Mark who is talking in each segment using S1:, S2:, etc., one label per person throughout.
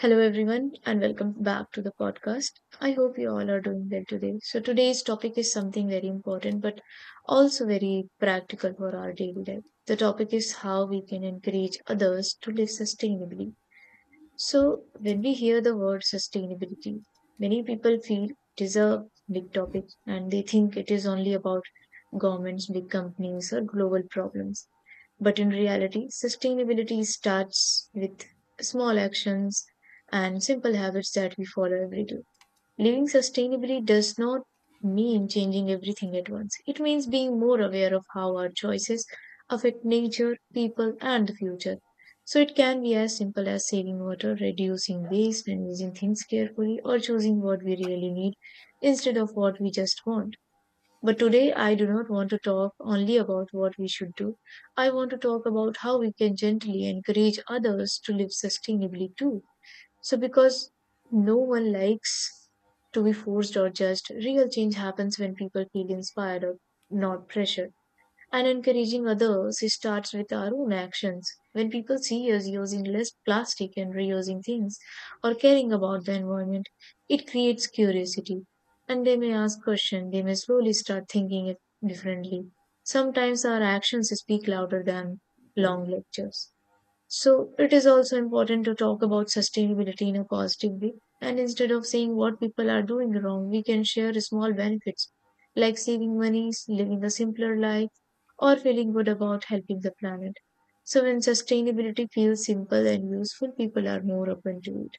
S1: Hello, everyone, and welcome back to the podcast. I hope you all are doing well today. So, today's topic is something very important but also very practical for our daily life. The topic is how we can encourage others to live sustainably. So, when we hear the word sustainability, many people feel it is a big topic and they think it is only about governments, big companies, or global problems. But in reality, sustainability starts with small actions and simple habits that we follow every day. Living sustainably does not mean changing everything at once. It means being more aware of how our choices affect nature, people, and the future. So it can be as simple as saving water, reducing waste, and using things carefully, or choosing what we really need instead of what we just want. But today, I do not want to talk only about what we should do. I want to talk about how we can gently encourage others to live sustainably too. So, because no one likes to be forced or judged, real change happens when people feel inspired or not pressured and encouraging others. It starts with our own actions. When people see us using less plastic and reusing things or caring about the environment, it creates curiosity. And they may ask questions, they may slowly start thinking it differently. Sometimes our actions speak louder than long lectures. So it is also important to talk about sustainability in a positive way. And instead of saying what people are doing wrong, we can share small benefits like saving money, living a simpler life, or feeling good about helping the planet. So when sustainability feels simple and useful, people are more open to it.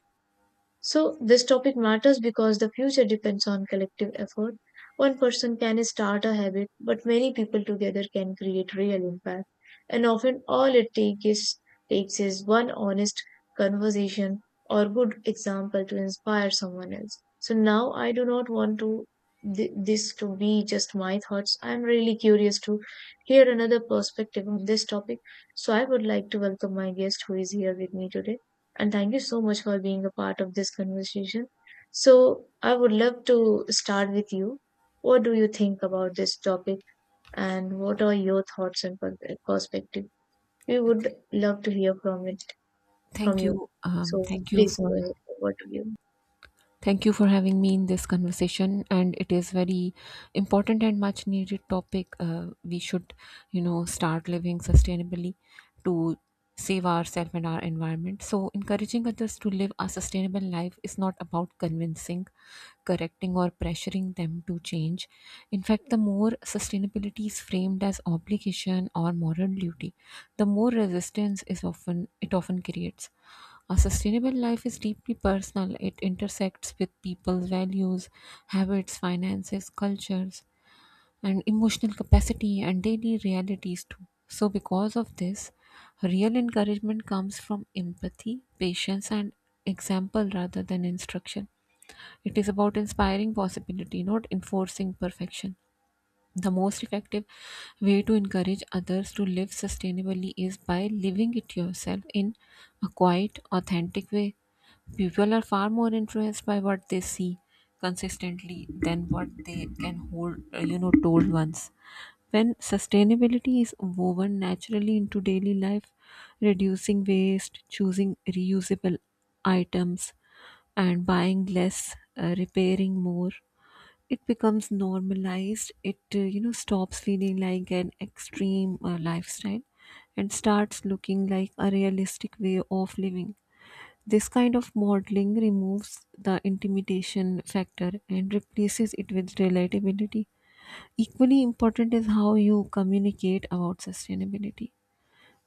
S1: So, this topic matters because the future depends on collective effort. One person can start a habit, but many people together can create real impact. And often, all it takes is one honest conversation or good example to inspire someone else. So, now I do not want to this to be just my thoughts. I am really curious to hear another perspective on this topic. So, I would like to welcome my guest who is here with me today and thank you so much for being a part of this conversation. So, I would love to start with you. What do you think about this topic, and what are your thoughts and perspective? We would love to hear from it from
S2: Thank
S1: you.
S2: you.
S1: So,
S2: Thank you
S1: please
S2: for
S1: go ahead. Over to you.
S2: having me in this conversation. And it is very important and much needed topic. We should, start living sustainably to save ourselves and our environment. So encouraging others to live a sustainable life is not about convincing, correcting, or pressuring them to change. In fact, the more sustainability is framed as obligation or moral duty, the more resistance is often it often creates a sustainable life is deeply personal. It intersects with people's values, habits, finances, cultures, and emotional capacity and daily realities too. So, because of this, real encouragement comes from empathy, patience, and example rather than instruction. It is about inspiring possibility, not enforcing perfection. The most effective way to encourage others to live sustainably is by living it yourself in a quiet, authentic way. People are far more influenced by what they see consistently than what they can hold, told once. When sustainability is woven naturally into daily life, reducing waste, choosing reusable items, and buying less, repairing more, it becomes normalized it stops feeling like an extreme lifestyle and starts looking like a realistic way of living. This kind of modeling removes the intimidation factor and replaces it with relatability. Equally important is how you communicate about sustainability,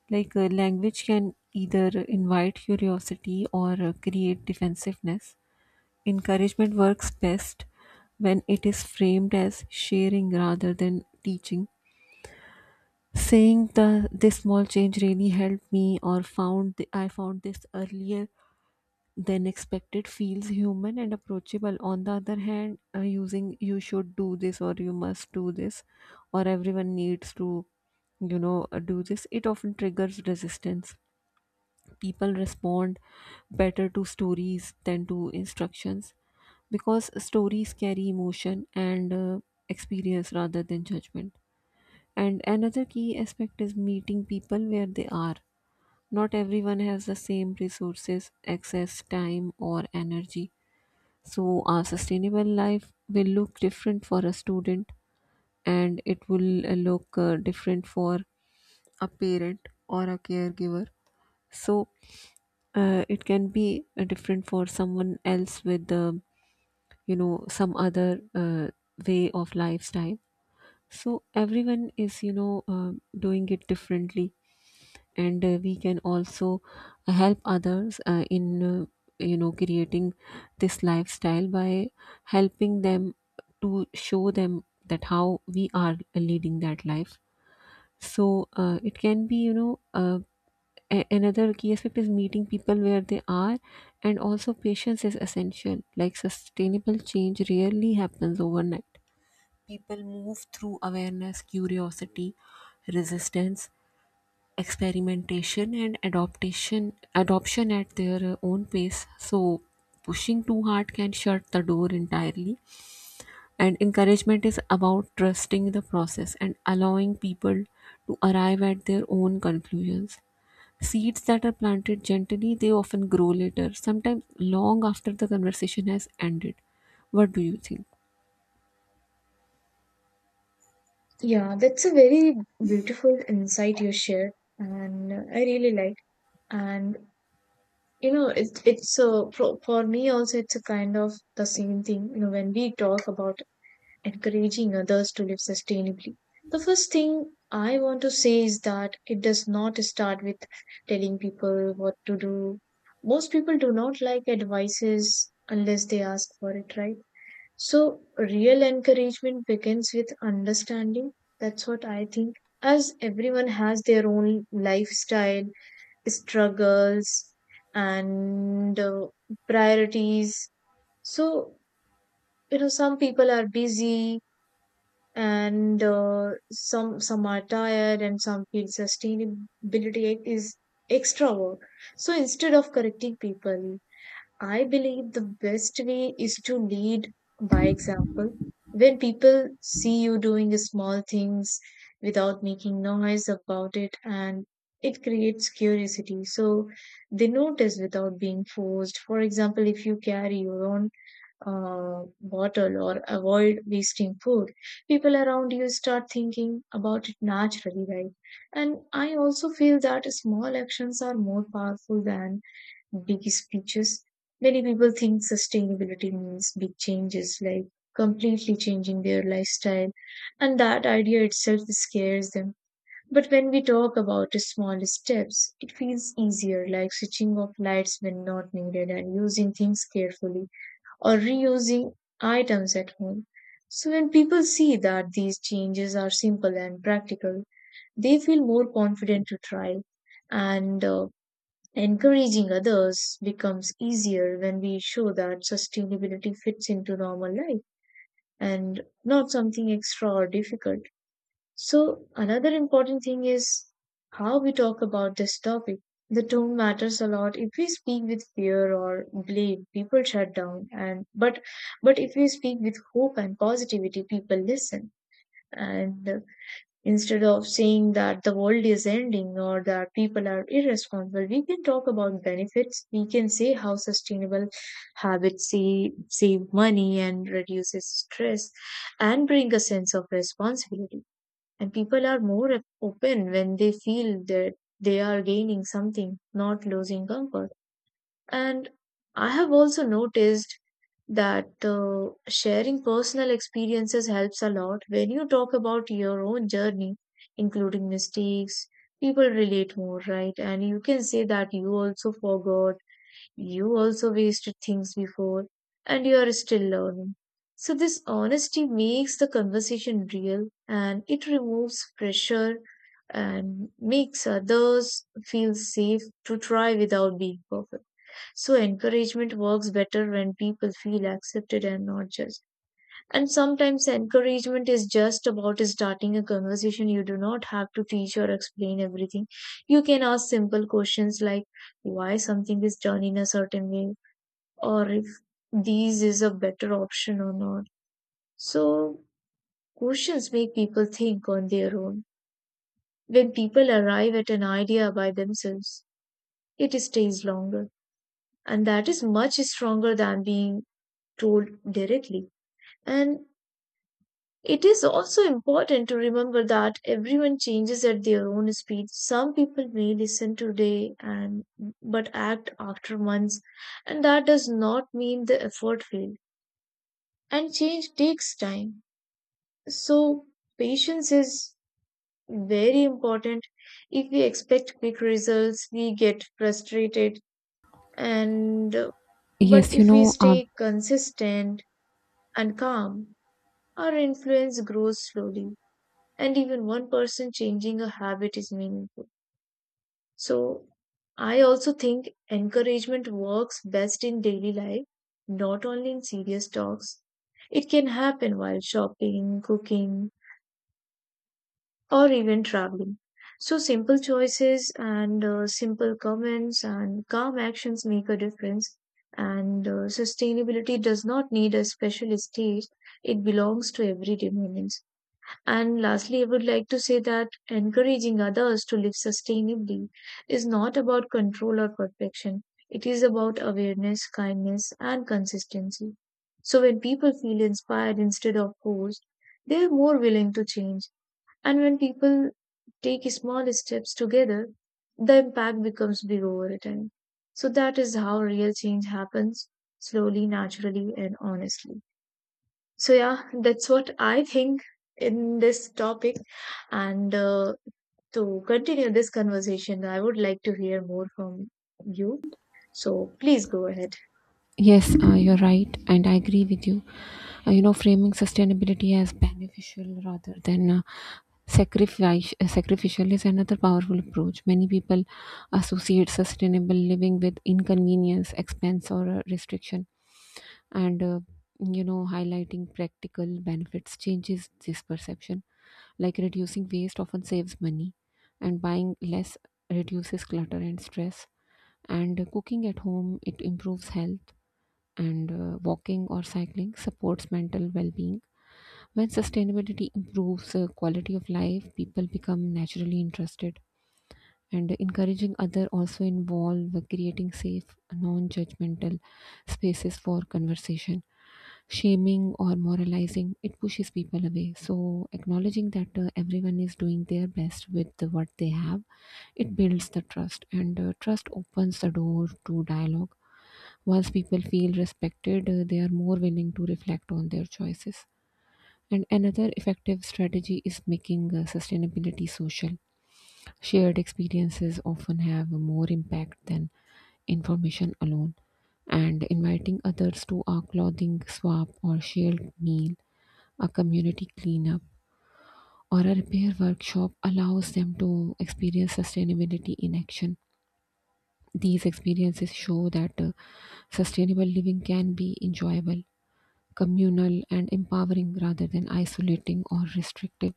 S2: like language can either invite curiosity or create defensiveness. Encouragement works best when it is framed as sharing rather than teaching. Saying the this small change really helped me, or I found this earlier than expected, feels human and approachable. On the other hand, using you should do this or you must do this or everyone needs to do this, it often triggers resistance. People respond better to stories than to instructions because stories carry emotion and experience rather than judgment. And another key aspect is meeting people where they are. Not everyone has the same resources, access, time, or energy. So, our sustainable life will look different for a student, and it will look different for a parent or a caregiver. So, it can be different for someone else with, some other way of lifestyle. So everyone is, doing it differently, and we can also help others creating this lifestyle by helping them to show them that how we are leading that life. So it can be, you know, a- another key aspect is meeting people where they are. And also patience is essential, like sustainable change rarely happens overnight. People move through awareness, curiosity, resistance, experimentation, and adoption at their own pace. So, pushing too hard can shut the door entirely. And encouragement is about trusting the process and allowing people to arrive at their own conclusions. Seeds that are planted gently, they often grow later, sometimes long after the conversation has ended. What do you think?
S1: Yeah, that's a very beautiful insight you shared, and I really like. And you know, it, it's a for me also. It's a kind of the same thing. You know, when we talk about encouraging others to live sustainably. The first thing I want to say is that it does not start with telling people what to do. Most people do not like advices unless they ask for it, right? So, real encouragement begins with understanding. That's what I think. As everyone has their own lifestyle, struggles, and priorities. So, you know, some people are busy, and uh, some are tired and some feel sustainability is extra work. So instead of correcting people, I believe the best way is to lead by example. When people see you doing small things without making noise about it, and it creates curiosity. So they notice without being forced. For example, if you carry your own bottle or avoid wasting food, people around you start thinking about it naturally, right? And I also feel that small actions are more powerful than big speeches. Many people think sustainability means big changes, like completely changing their lifestyle, and that idea itself scares them. But when we talk about the small steps, it feels easier, like switching off lights when not needed and using things carefully or reusing items at home. So, when people see that these changes are simple and practical, they feel more confident to try. And encouraging others becomes easier when we show that sustainability fits into normal life and not something extra or difficult. So, another important thing is how we talk about this topic. The tone matters a lot. If we speak with fear or blame, people shut down, and but if we speak with hope and positivity, people listen. And instead of saying that the world is ending or that people are irresponsible, we can talk about benefits. We can say how sustainable habits save money and reduces stress and bring a sense of responsibility, and people are more open when they feel that they are gaining something, not losing comfort. And I have also noticed that sharing personal experiences helps a lot. When you talk about your own journey, including mistakes, people relate more, right? And you can say that you also forgot, you also wasted things before, and you are still learning. So, this honesty makes the conversation real, and it removes pressure and makes others feel safe to try without being perfect. So, encouragement works better when people feel accepted and not judged. And sometimes, encouragement is just about starting a conversation. You do not have to teach or explain everything. You can ask simple questions, like why something is done in a certain way or if these is a better option or not. So questions make people think on their own. When people arrive at an idea by themselves, it stays longer. And that is much stronger than being told directly. And it is also important to remember that everyone changes at their own speed. Some people may listen today and but act after months, and that does not mean the effort failed. And change takes time. So, patience is very important. If we expect quick results, we get frustrated, and but
S2: Yes, you
S1: if we
S2: know, uh,
S1: stay consistent and calm, our influence grows slowly, and even one person changing a habit is meaningful. So, I also think encouragement works best in daily life, not only in serious talks. It can happen while shopping, cooking, or even traveling. So, simple choices and simple comments and calm actions make a difference. And sustainability does not need a special stage, it belongs to everyday moments. And lastly, I would like to say that encouraging others to live sustainably is not about control or perfection, it is about awareness, kindness, and consistency. So, when people feel inspired instead of forced, they are more willing to change, and when people take small steps together, the impact becomes big over time. So that is how real change happens, slowly, naturally, and honestly. So, yeah, that's what I think in this topic. And to continue this conversation, I would like to hear more from you. So, please go ahead.
S2: Yes, you're right, and I agree with you. Framing sustainability as beneficial rather than sacrificial is another powerful approach. Many people associate sustainable living with inconvenience, expense, or restriction, and highlighting practical benefits changes this perception. Like reducing waste often saves money, and buying less reduces clutter and stress, and cooking at home it improves health, and walking or cycling supports mental well-being. When sustainability improves quality of life, people become naturally interested. And encouraging other also involve creating safe non-judgmental spaces for conversation. Shaming or moralizing, it pushes people away, so acknowledging that everyone is doing their best with what they have, it builds the trust, and trust opens the door to dialogue. Once people feel respected, they are more willing to reflect on their choices. And another effective strategy is making sustainability social. Shared experiences often have more impact than information alone. And inviting others to a clothing swap or shared meal, a community cleanup, or a repair workshop allows them to experience sustainability in action. These experiences show that sustainable living can be enjoyable, communal, and empowering rather than isolating or restrictive.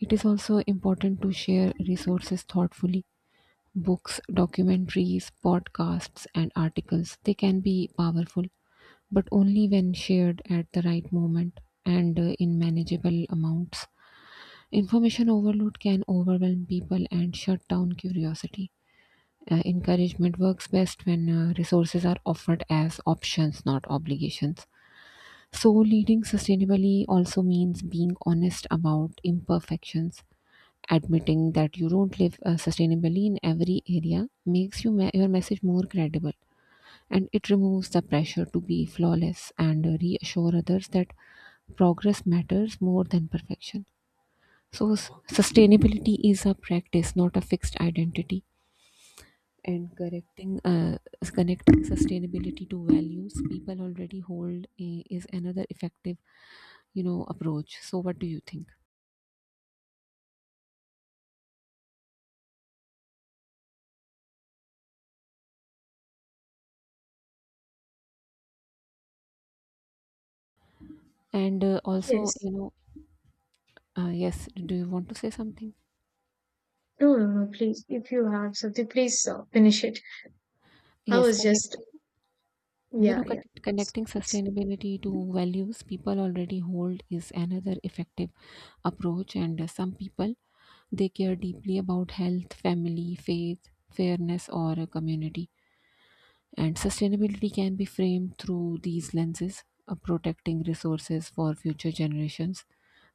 S2: It is also important to share resources thoughtfully. Books, documentaries, podcasts, and articles. They can be powerful, but only when shared at the right moment and in manageable amounts. Information overload can overwhelm people and shut down curiosity. Encouragement works best when resources are offered as options, not obligations. So, leading sustainably also means being honest about imperfections. Admitting that you don't live sustainably in every area makes your message more credible, and it removes the pressure to be flawless, and reassure others that progress matters more than perfection. So, sustainability is a practice, not a fixed identity. And connecting sustainability to values people already hold is another effective approach. So what do you think? And also
S1: Yes.
S2: you know yes, do you want to say something?
S1: No, no, no, please. If you have something, please finish it. I
S2: Yes,
S1: was just,
S2: connecting,
S1: yeah, yeah.
S2: connecting sustainability to values people already hold is another effective approach. And some people, they care deeply about health, family, faith, fairness, or a community. And sustainability can be framed through these lenses, protecting resources for future generations,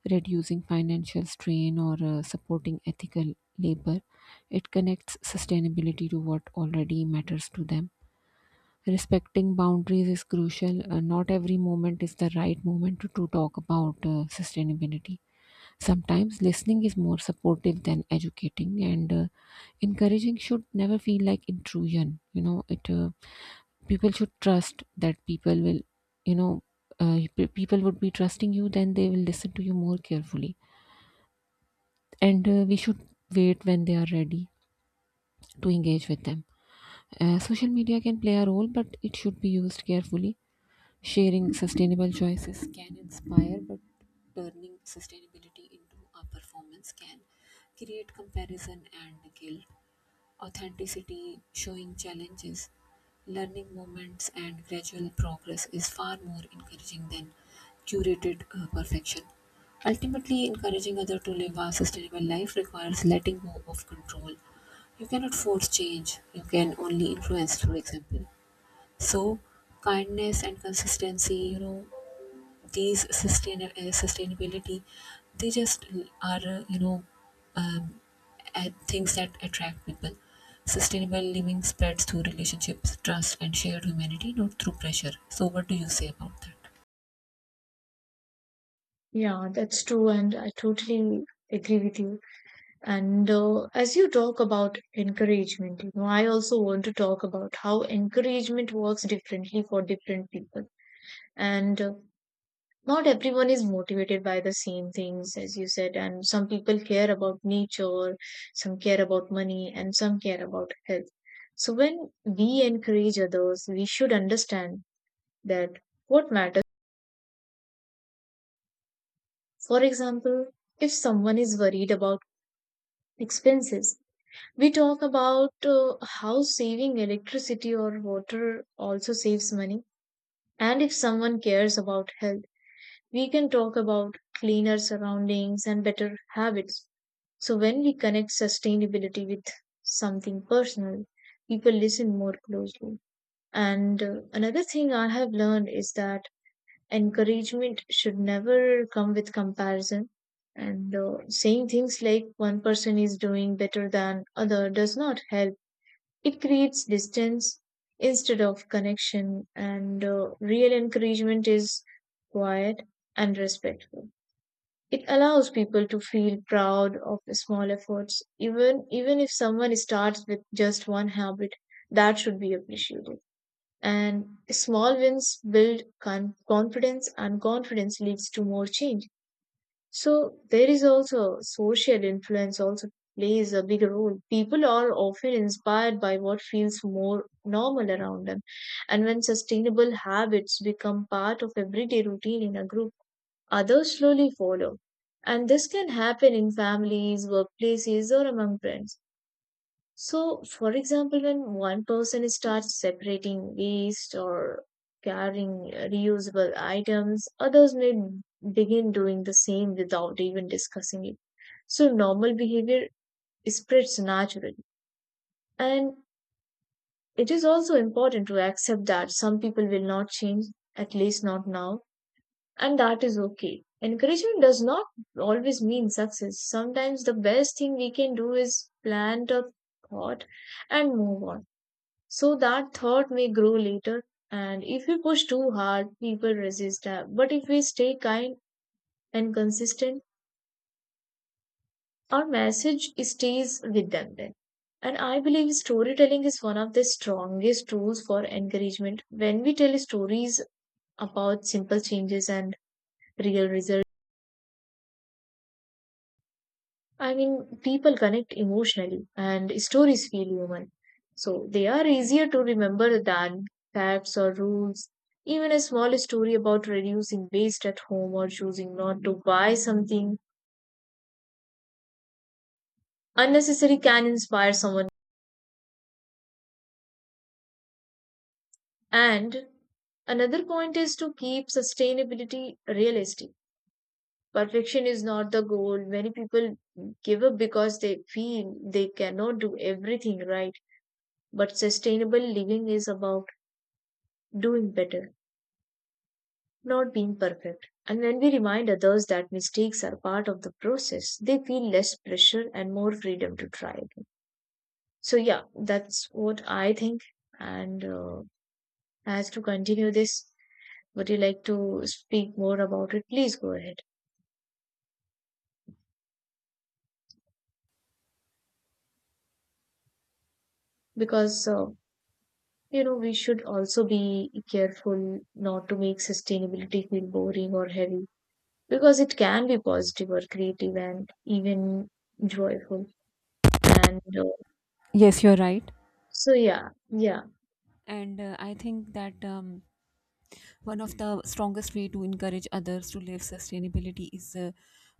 S2: reducing financial strain, or supporting ethical labor. It connects sustainability to what already matters to them. Respecting boundaries is crucial. Not every moment is the right moment to talk about sustainability. Sometimes listening is more supportive than educating, and encouraging should never feel like intrusion. You know, it People should trust that people will, you know, people would be trusting you, then they will listen to you more carefully. And we should wait when they are ready to engage with them. Social media can play a role, but it should be used carefully. Sharing sustainable choices can inspire, but turning sustainability into a performance can create comparison and guilt. Authenticity, showing challenges, learning moments, and gradual progress is far more encouraging than curated perfection. Ultimately, encouraging others to live a sustainable life requires letting go of control. You cannot force change, you can only influence through example. So, kindness and consistency, sustainability, they just are you know um, at things that attract people. Sustainable living spreads through relationships, trust, and shared humanity, not through pressure. So what do you say about that?
S1: Yeah, that's true, and I totally agree with you. And as you talk about encouragement, you know, I also want to talk about how encouragement works differently for different people. And not everyone is motivated by the same things, as you said. And some people care about nature, some care about money, and some care about health. So when we encourage others, we should understand that what matters. For example, if someone is worried about expenses, we talk about how saving electricity or water also saves money. And if someone cares about health, we can talk about cleaner surroundings and better habits. So when we connect sustainability with something personal, people listen more closely. And another thing I have learned is that encouragement should never come with comparison. And saying things like one person is doing better than other does not help, it creates distance instead of connection, and real encouragement is quiet and respectful. It allows people to feel proud of the small efforts, even if someone starts with just one habit, that should be appreciated. And small wins build confidence, and confidence leads to more change. So there is also social influence also plays a big role. People are often inspired by what feels more normal around them. And when sustainable habits become part of everyday routine in a group, others slowly follow. And this can happen in families, workplaces, or among friends. So, for example, when one person starts separating waste or carrying reusable items, others may begin doing the same without even discussing it. So, normal behavior spreads naturally. And it is also important to accept that some people will not change, at least not now, and that is okay. Encouragement does not always mean success. Sometimes the best thing we can do is plant a thought and move on. So that thought may grow later, and if we push too hard, people resist that. But if we stay kind and consistent, our message stays with them then. And I believe storytelling is one of the strongest tools for encouragement. When we tell stories about simple changes and real results, I mean, people connect emotionally and stories feel human. So they are easier to remember than facts or rules. Even a small story about reducing waste at home or choosing not to buy something unnecessary can inspire someone. And another point is to keep sustainability realistic. Perfection is not the goal. Many people give up because they feel they cannot do everything right. But sustainable living is about doing better not being perfect. And when we remind others that mistakes are part of the process, they feel less pressure and more freedom to try again. So, yeah, that's what I think. And As to continue this, would you like to speak more about it? Please go ahead. Because, we should also be careful not to make sustainability feel boring or heavy because it can be positive or creative and even joyful. And uh,
S2: Yes, you're right.
S1: yeah, yeah.
S2: And I think that one of the strongest way to encourage others to live sustainability is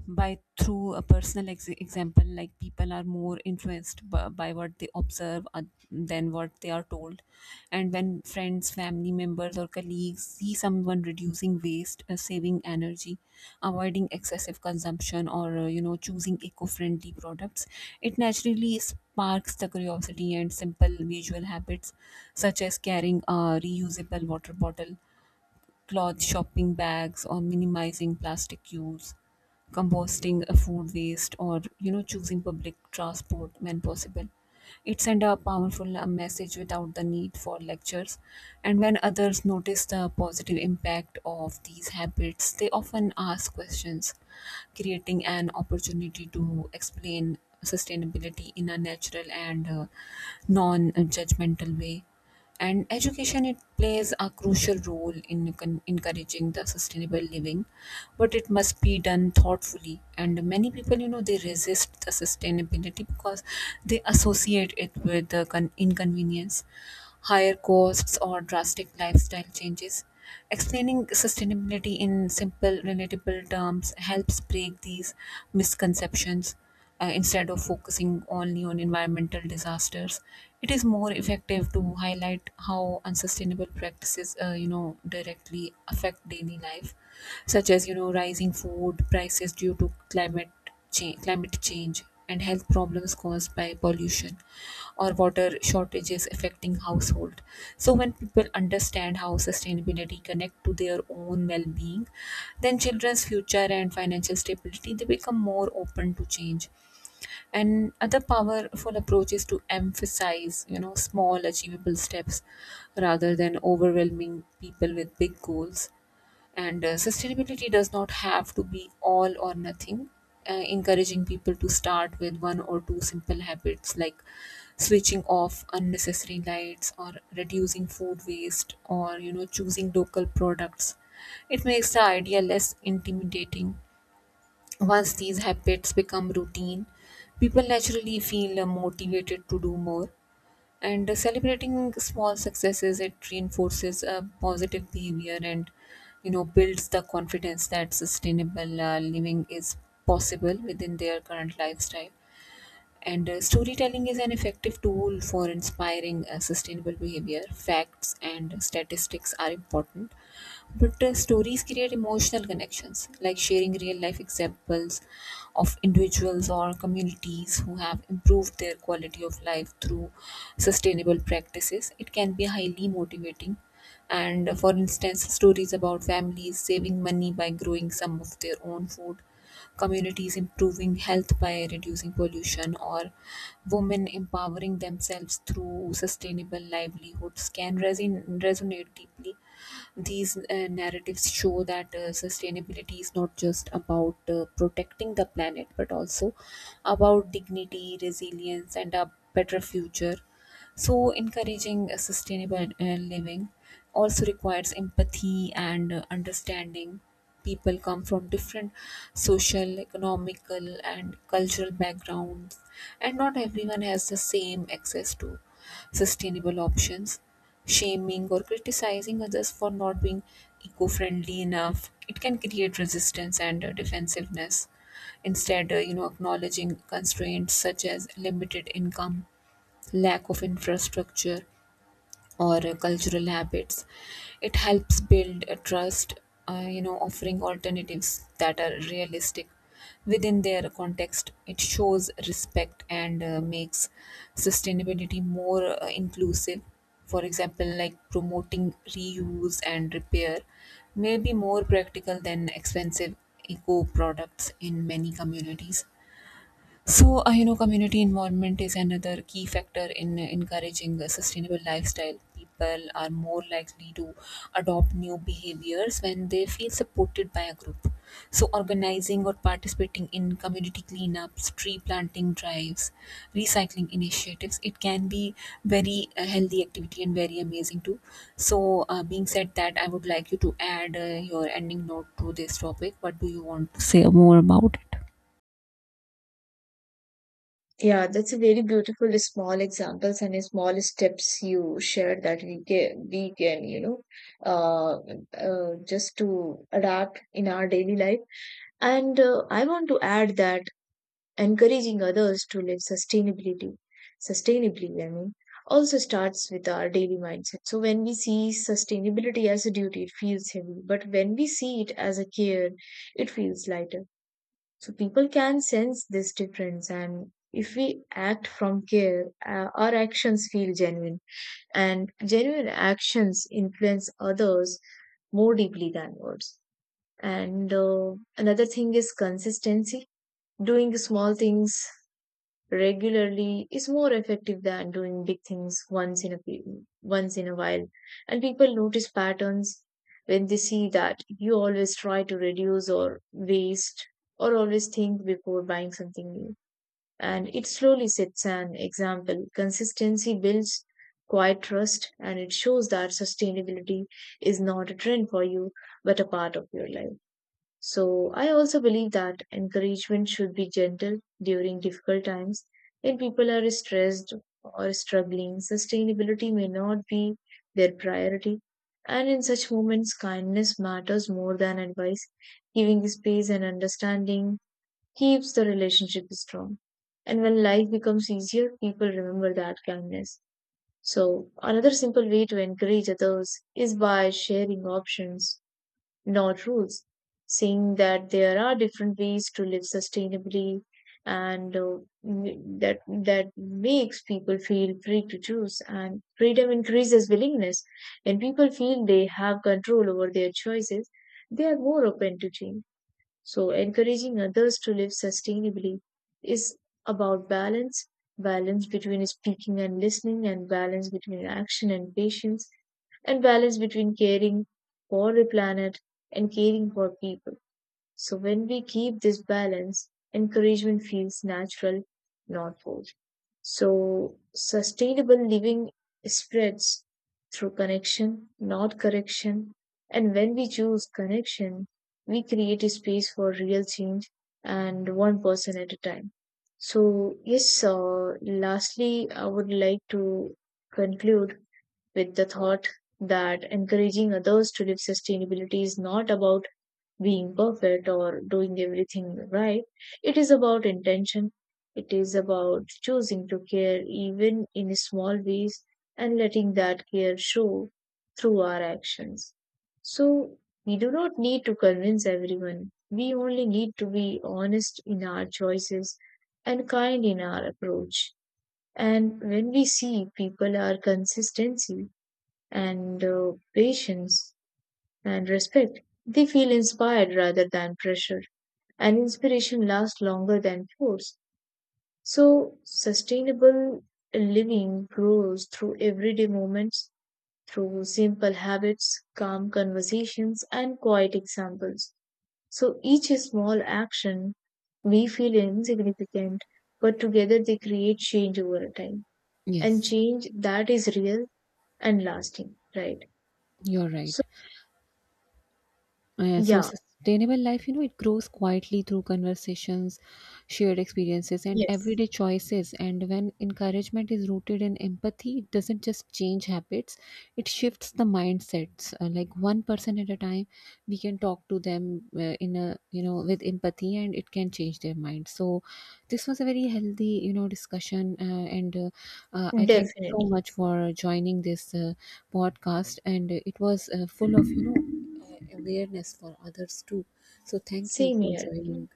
S2: by through a personal example, like people are more influenced by, what they observe than what they are told. And when friends, family members, or colleagues see someone reducing waste, saving energy, avoiding excessive consumption, or choosing eco-friendly products, it naturally sparks the curiosity. And simple visual habits such as carrying a reusable water bottle, cloth shopping bags, or minimizing plastic use, composting a food waste, or choosing public transport when possible. It send a powerful message without the need for lectures, and when others notice the positive impact of these habits, they often ask questions, creating an opportunity to explain sustainability in a natural and non-judgmental way. And education, it plays a crucial role in encouraging the sustainable living, but it must be done thoughtfully. And many people they resist the sustainability because they associate it with inconvenience, higher costs, or drastic lifestyle changes. Explaining sustainability in simple relatable terms helps break these misconceptions. Instead of focusing only on environmental disasters, it is more effective to highlight how unsustainable practices directly affect daily life, such as rising food prices due to climate change, and health problems caused by pollution, or water shortages affecting household. So when people understand how sustainability connect to their own well-being, then children's future and financial stability, they become more open to change. And other powerful approach is to emphasize small achievable steps rather than overwhelming people with big goals. And sustainability does not have to be all or nothing. Encouraging people to start with one or two simple habits, like switching off unnecessary lights, or reducing food waste, or choosing local products, it makes the idea less intimidating. Once these habits become routine, people naturally feel motivated to do more. And celebrating small successes, it reinforces a positive behavior and builds the confidence that sustainable living is possible within their current lifestyle. And storytelling is an effective tool for inspiring sustainable behavior. Facts and statistics are important, but stories create emotional connections, like sharing real life examples of individuals or communities who have improved their quality of life through sustainable practices. It can be highly motivating. And for instance, stories about families saving money by growing some of their own food, communities improving health by reducing pollution, or women empowering themselves through sustainable livelihoods can resonate deeply. These narratives show that sustainability is not just about protecting the planet, but also about dignity, resilience, and a better future. So encouraging a sustainable living also requires empathy and understanding. People come from different social, economical, and cultural backgrounds, and not everyone has the same access to sustainable options. Shaming or criticizing others for not being eco friendly enough, it can create resistance and defensiveness. Instead, acknowledging constraints such as limited income, lack of infrastructure, or cultural habits. It helps build a trust. Offering alternatives that are realistic within their context, it shows respect and makes sustainability more inclusive. For example, like promoting reuse and repair may be more practical than expensive eco products in many communities. So, community involvement is another key factor in encouraging a sustainable lifestyle. People are more likely to adopt new behaviors when they feel supported by a group. So, organizing or participating in community cleanups, tree planting drives, recycling initiatives, it can be very healthy activity and very amazing too. So, being said that, I would like you to add your ending note to this topic. What do you want to say more about it?
S1: Yeah, that's a very beautiful small examples and small steps you shared that we can uh, just to adapt in our daily life. And I want to add that encouraging others to live sustainability, sustainably, I mean, also starts with our daily mindset. So when we see sustainability as a duty, it feels heavy, but when we see it as a care, it feels lighter. So people can sense this difference, and if we act from care, our actions feel genuine, and genuine actions influence others more deeply than words. And Another thing is consistency. Doing small things regularly is more effective than doing big things once in a while, and people notice patterns when they see that you always try to reduce or waste or always think before buying something new, and it slowly sets an example. Consistency builds quiet trust, and it shows that sustainability is not a trend for you but a part of your life. So I also believe that encouragement should be gentle during difficult times. When people are stressed or struggling, sustainability may not be their priority. And in such moments, kindness matters more than advice. Giving space and understanding keeps the relationship strong. And when life becomes easier, people remember that kindness. So, another simple way to encourage others is by sharing options nor rules, saying that there are different ways to live sustainably, and uh, that makes people feel free to choose, and freedom increases willingness. When people feel they have control over their choices, they are more open to change. So, encouraging others to live sustainably is about balance, balance between speaking and listening, and balance between action and patience, and balance between caring for the planet and caring for people. So, when we keep this balance, encouragement feels natural, not forced. So, sustainable living spreads through connection, not correction. And when we choose connection, we create a space for real change, and one person at a time. So, yes, lastly, I would like to conclude with the thought that encouraging others to live sustainability is not about being perfect or doing everything right. It is about intention. It is about choosing to care even in small ways and letting that care show through our actions. So we do not need to convince everyone. We only need to be honest in our choices and kind in our approach. And when we see people are consistency and patience and respect. They feel inspired rather than pressured, and inspiration lasts longer than force. So, sustainable living grows through everyday moments, through simple habits, calm conversations, and quiet examples. So, each small action may feel insignificant, but together they create change over time, and
S2: Yes,
S1: change that is real and lasting, right?
S2: you're right.
S1: So,
S2: So
S1: yeah,
S2: sustainable life, it grows quietly through conversations, shared experiences, and
S1: yes,
S2: everyday choices. And when encouragement is rooted in empathy, it doesn't just change habits; it shifts the mindsets. Like one person at a time, we can talk to them in a you know with empathy, and it can change their mind. So this was a very healthy discussion, and I thank you so
S1: definitely.
S2: much for joining this podcast. And it was full of awareness for others too. So, thank you
S1: Same
S2: for
S1: here. Mm.
S2: joining.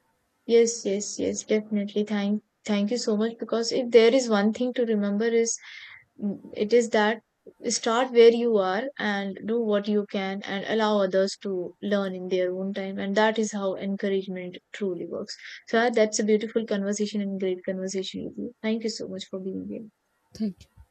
S1: Yes, yes, yes, definitely. Thank you so much. Because if there is one thing to remember is, mm, it is that start where you are and do what you can and allow others to learn in their own time. And that is how encouragement truly works. So that's a beautiful conversation and great conversation with you. Thank you so much for being here.
S2: Thank you.